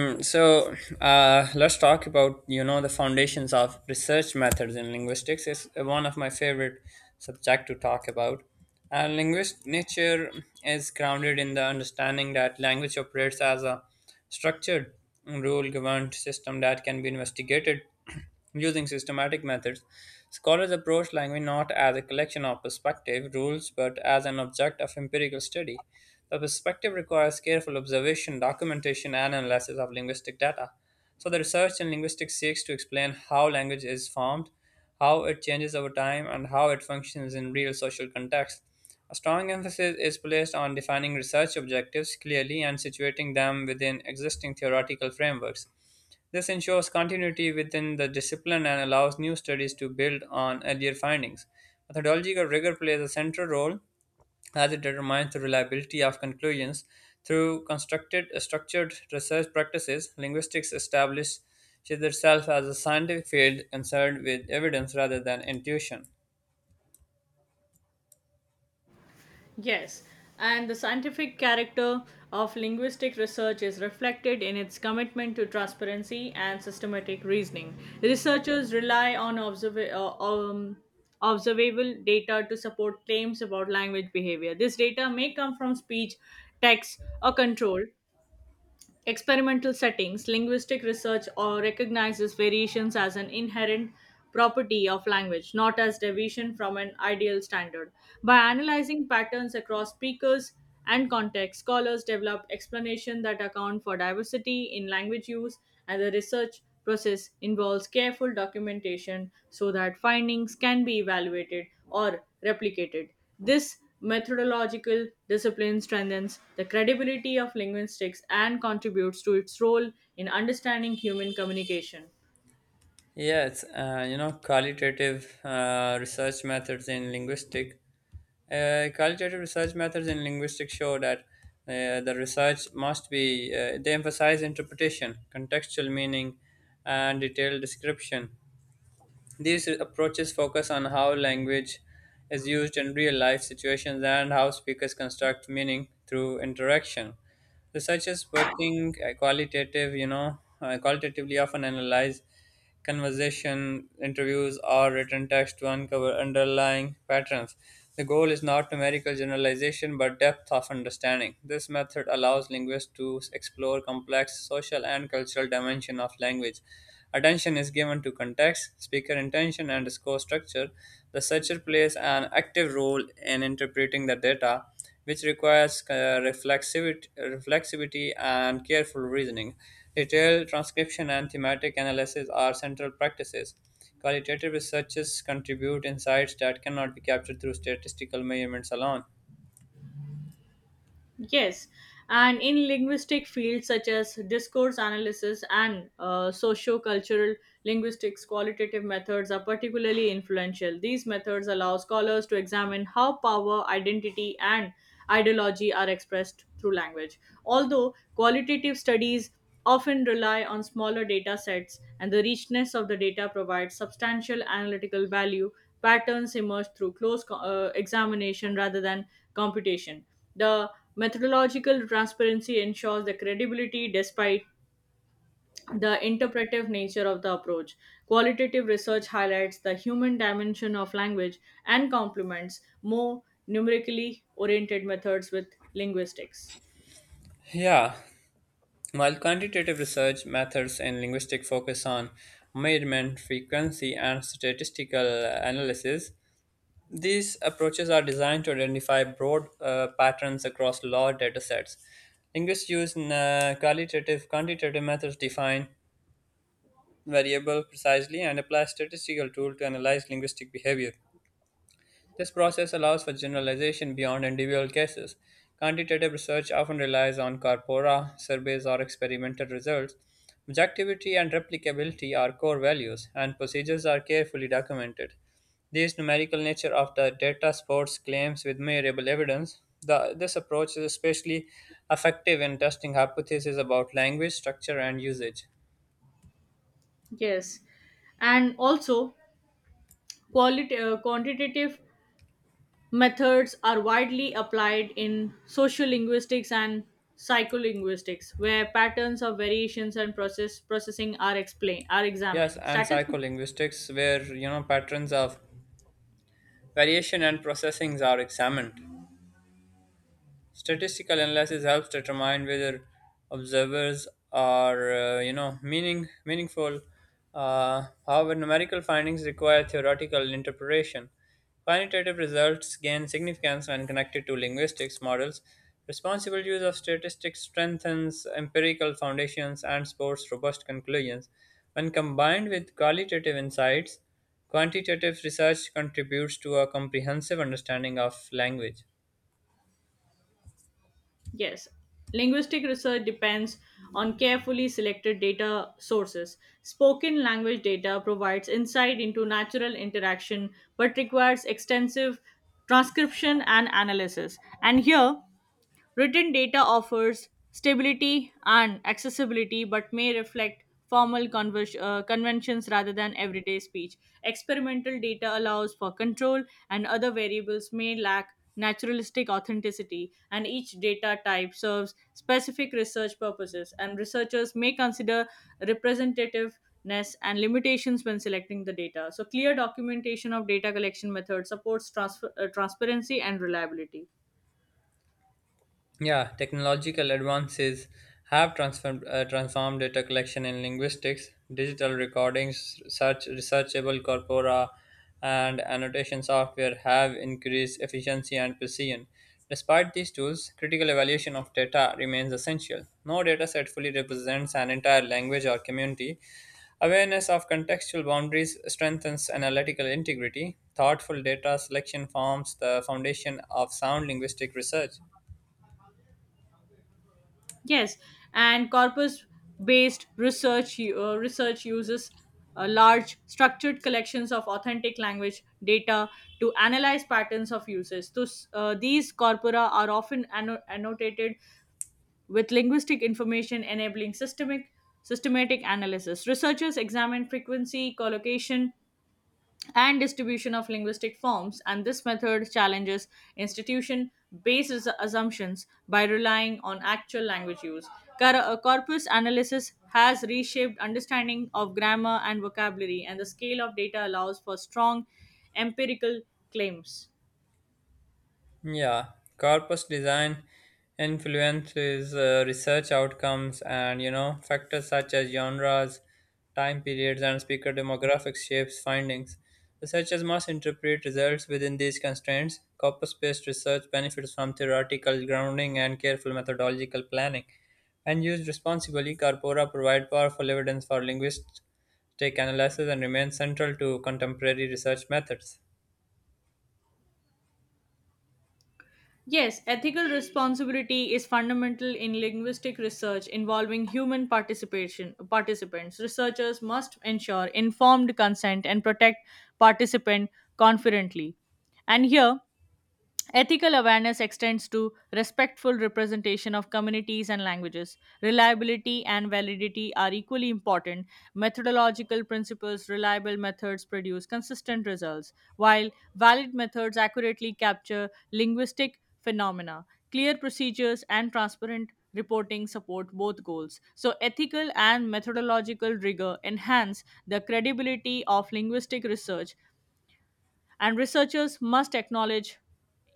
Um, so let's talk about the foundations of research methods in linguistics is one of my favorite subject to talk about. Linguist nature is grounded in the understanding that language operates as a structured, rule-governed system that can be investigated using systematic methods. Scholars approach language not as a collection of perspective rules but as an object of empirical study. The perspective requires careful observation, documentation, and analysis of linguistic data. So, the research in linguistics seeks to explain how language is formed, how it changes over time, and how it functions in real social contexts. A strong emphasis is placed on defining research objectives clearly and situating them within existing theoretical frameworks. This ensures continuity within the discipline and allows new studies to build on earlier findings. Methodological rigor plays a central role as it determines the reliability of conclusions. Through constructed, structured research practices, linguistics establishes itself as a scientific field concerned with evidence rather than intuition. Yes, and the scientific character of linguistic research is reflected in its commitment to transparency and systematic reasoning. Researchers rely on observable data to support claims about language behavior. This data may come from speech, text, or control, experimental settings, linguistic research or recognizes variations as an inherent property of language, not as deviation from an ideal standard. By analyzing patterns across speakers and context, scholars develop explanations that account for diversity in language use, and the research process involves careful documentation so that findings can be evaluated or replicated. This methodological discipline strengthens the credibility of linguistics and contributes to its role in understanding human communication. Yes, qualitative research methods in linguistics qualitative research methods in linguistics show that they emphasize interpretation, contextual meaning, and detailed description. These approaches focus on how language is used in real life situations and how speakers construct meaning through interaction. Researchers working qualitatively often analyze conversation, interviews, or written text to uncover underlying patterns. The goal is not numerical generalization but depth of understanding. This method allows linguists to explore complex social and cultural dimension of language. Attention is given to context, speaker intention, and score structure. The searcher plays an active role in interpreting the data, which requires reflexivity and careful reasoning. Detailed transcription and thematic analysis are central practices. Qualitative researches contribute insights that cannot be captured through statistical measurements alone. Yes, and in linguistic fields such as discourse analysis and socio-cultural linguistics, qualitative methods are particularly influential. These methods allow scholars to examine how power, identity, and ideology are expressed through language. Although qualitative studies often rely on smaller data sets and the richness of the data provides substantial analytical value, patterns emerge through close examination rather than computation. The methodological transparency ensures the credibility despite the interpretive nature of the approach. Qualitative research highlights the human dimension of language and complements more numerically oriented methods with linguistics. Yeah, while quantitative research methods in linguistics focus on measurement, frequency, and statistical analysis, these approaches are designed to identify broad patterns across large datasets. Linguists use quantitative methods to define variable precisely and apply statistical tool to analyze linguistic behavior. This process allows for generalization beyond individual cases. Quantitative research often relies on corpora, surveys, or experimental results. Objectivity and replicability are core values, and procedures are carefully documented. This numerical nature of the data supports claims with measurable evidence. This approach is especially effective in testing hypotheses about language structure and usage. Yes. And also, quantitative methods are widely applied in sociolinguistics and psycholinguistics where patterns of variations and processing are explained are Yes, examined and statistic. psycholinguistics, where patterns of variation and processings are examined. Statistical analysis helps determine whether observers are, meaningful. However, numerical findings require theoretical interpretation. Quantitative results gain significance when connected to linguistics models. Responsible use of statistics strengthens empirical foundations and supports robust conclusions. When combined with qualitative insights, quantitative research contributes to a comprehensive understanding of language. Yes, linguistic research depends on carefully selected data sources. Spoken language data provides insight into natural interaction but requires extensive transcription and analysis, and here written data offers stability and accessibility, but may reflect formal conventions rather than everyday speech. Experimental data allows for control, and other variables may lack naturalistic authenticity, and each data type serves specific research purposes, and researchers may consider representativeness and limitations when selecting the data. So clear documentation of data collection methods supports transparency and reliability. Yeah, technological advances have transformed data collection in linguistics. Digital recordings, search, researchable corpora, and annotation software have increased efficiency and precision. Despite these tools, critical evaluation of data remains essential. No data set fully represents an entire language or community. Awareness of contextual boundaries strengthens analytical integrity. Thoughtful data selection forms the foundation of sound linguistic research. Yes, and corpus-based research uses large structured collections of authentic language data to analyze patterns of uses. Thus, these corpora are often annotated with linguistic information, enabling systemic systematic analysis. Researchers examine frequency, collocation, and distribution of linguistic forms, and this method challenges institution based assumptions by relying on actual language use. Corpus analysis has reshaped understanding of grammar and vocabulary, and the scale of data allows for strong empirical claims. Yeah, corpus design influences research outcomes, and factors such as genres, time periods, and speaker demographics shapes findings. Researchers must interpret results within these constraints. Corpus-based research benefits from theoretical grounding and careful methodological planning. And used responsibly, corpora provide powerful evidence for linguistic analysis and remain central to contemporary research methods. Yes, ethical responsibility is fundamental in linguistic research involving human participation participants. Researchers must ensure informed consent and protect participant confidently. And here ethical awareness extends to respectful representation of communities and languages. Reliability and validity are equally important. Methodological principles, reliable methods produce consistent results, while valid methods accurately capture linguistic phenomena. Clear procedures and transparent reporting support both goals. So, ethical and methodological rigor enhance the credibility of linguistic research, and researchers must acknowledge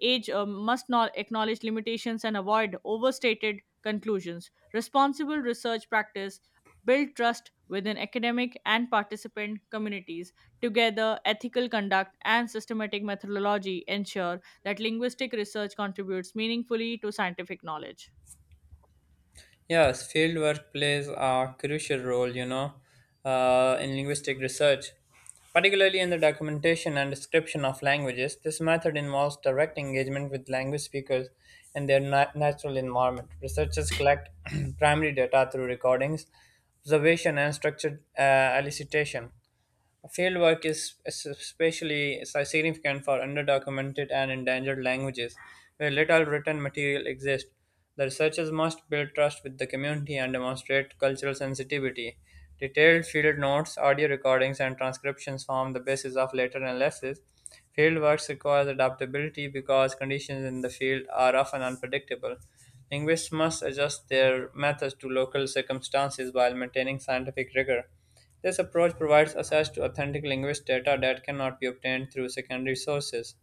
age uh, must not acknowledge limitations and avoid overstated conclusions. Responsible research practice build trust within academic and participant communities. Together ethical conduct and systematic methodology ensure that linguistic research contributes meaningfully to scientific knowledge. Yes, field work plays a crucial role, in linguistic research, particularly in the documentation and description of languages. This method involves direct engagement with language speakers in their natural environment. Researchers collect primary data through recordings, observation, and structured elicitation. Fieldwork is especially significant for underdocumented and endangered languages, where little written material exists. The researchers must build trust with the community and demonstrate cultural sensitivity. Detailed field notes, audio recordings, and transcriptions form the basis of later analysis. Fieldwork requires adaptability because conditions in the field are often unpredictable. Linguists must adjust their methods to local circumstances while maintaining scientific rigor. This approach provides access to authentic linguistic data that cannot be obtained through secondary sources.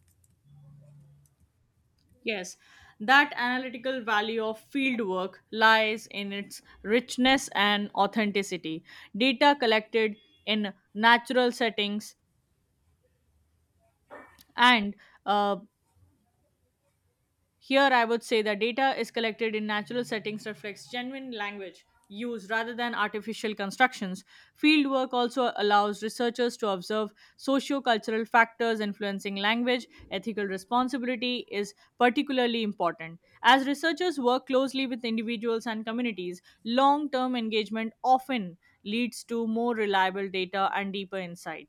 Yes, that analytical value of field work lies in its richness and authenticity. Data collected in natural settings and uh, here, I would say that data is collected in natural settings reflects genuine language use rather than artificial constructions. Fieldwork also allows researchers to observe socio-cultural factors influencing language. Ethical responsibility is particularly important. As researchers work closely with individuals and communities, long-term engagement often leads to more reliable data and deeper insight.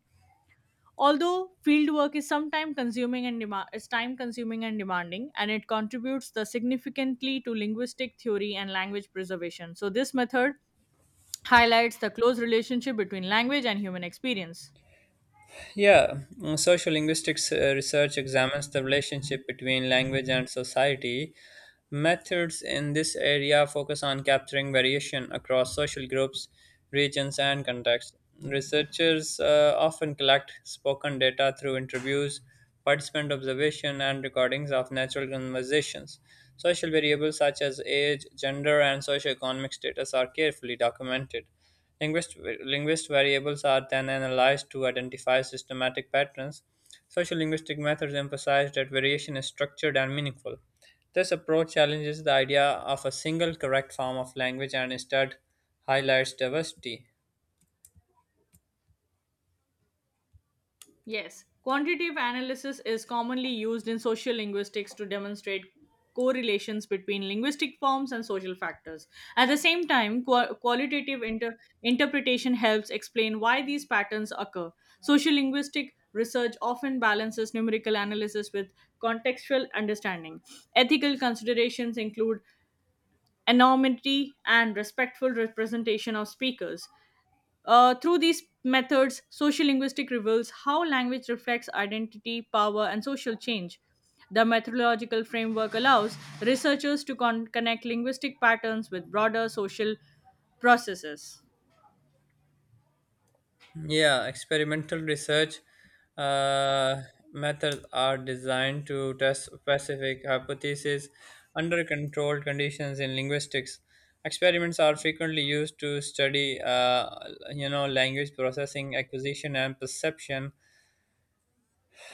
Although field work is sometimes is time consuming and demanding, and it contributes the significantly to linguistic theory and language preservation. So this method highlights the close relationship between language and human experience. Yeah, Social linguistics research examines the relationship between language and society. Methods in this area focus on capturing variation across social groups, regions, and contexts. Researchers often collect spoken data through interviews, participant observation, and recordings of natural conversations. Social variables such as age, gender, and socioeconomic status are carefully documented. Linguist variables are then analyzed to identify systematic patterns. Sociolinguistic methods emphasize that variation is structured and meaningful. This approach challenges the idea of a single correct form of language and instead highlights diversity. Yes, quantitative analysis is commonly used in social linguistics to demonstrate correlations between linguistic forms and social factors. At the same time, qualitative interpretation helps explain why these patterns occur. Social linguistic research often balances numerical analysis with contextual understanding. Ethical considerations include anonymity and respectful representation of speakers. Through these methods, sociolinguistic reveals how language reflects identity, power, and social change. The methodological framework allows researchers to connect linguistic patterns with broader social processes. Yeah, experimental research uh, methods are designed to test specific hypotheses under controlled conditions in linguistics. Experiments are frequently used to study, language processing, acquisition, and perception.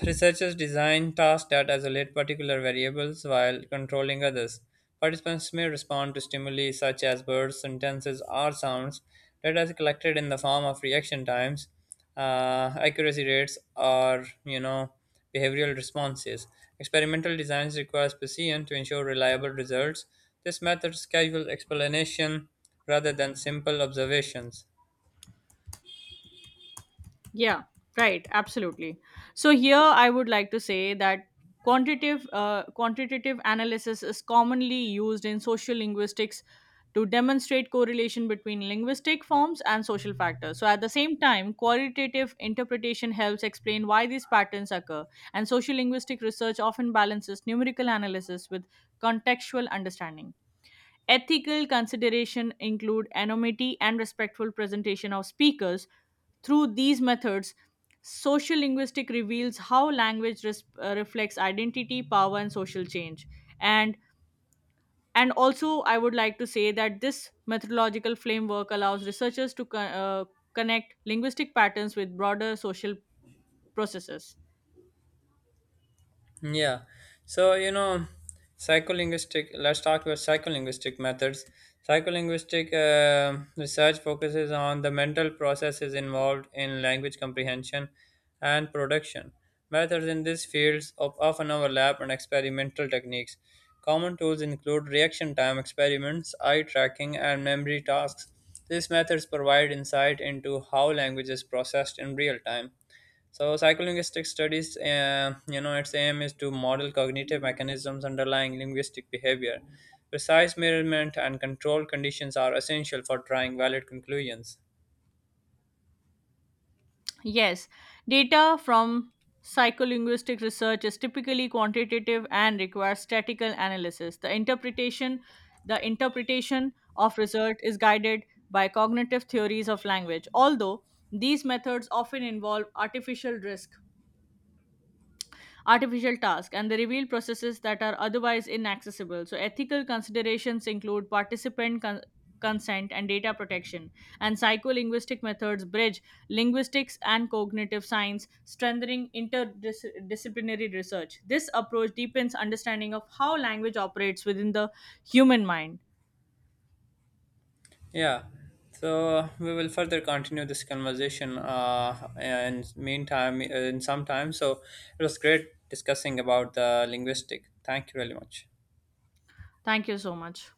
Researchers design tasks that isolate particular variables while controlling others. Participants may respond to stimuli such as words, sentences, or sounds. Data is collected in the form of reaction times, accuracy rates, or behavioral responses. Experimental designs require precision to ensure reliable results. This method schedules explanation rather than simple observations. Yeah, right, absolutely. So here I would like to say that quantitative analysis is commonly used in social linguistics to demonstrate correlation between linguistic forms and social factors. So at the same time, qualitative interpretation helps explain why these patterns occur, and social linguistic research often balances numerical analysis with contextual understanding. Ethical consideration include anonymity and respectful presentation of speakers. Through these methods, social linguistic reveals how language reflects identity, power, and social change. And and also, I would like to say that this methodological framework allows researchers to connect linguistic patterns with broader social processes. Yeah. So, let's talk about psycholinguistic methods. Psycholinguistic research focuses on the mental processes involved in language comprehension and production. Methods in these fields of often overlap and experimental techniques. Common tools include reaction time experiments, eye tracking, and memory tasks. These methods provide insight into how language is processed in real time. So psycholinguistic studies, its aim is to model cognitive mechanisms underlying linguistic behavior. Precise measurement and control conditions are essential for drawing valid conclusions. Yes, data from psycholinguistic research is typically quantitative and requires statistical analysis. The interpretation of result is guided by cognitive theories of language. Although these methods often involve artificial tasks and they reveal processes that are otherwise inaccessible. So, ethical considerations include participant consent and data protection, and psycholinguistic methods bridge linguistics and cognitive science, strengthening interdisciplinary research. This approach deepens understanding of how language operates within the human mind. Yeah. So we will further continue this conversation and meantime in some time. So it was great discussing about the linguistic. Thank you really much. Thank you so much.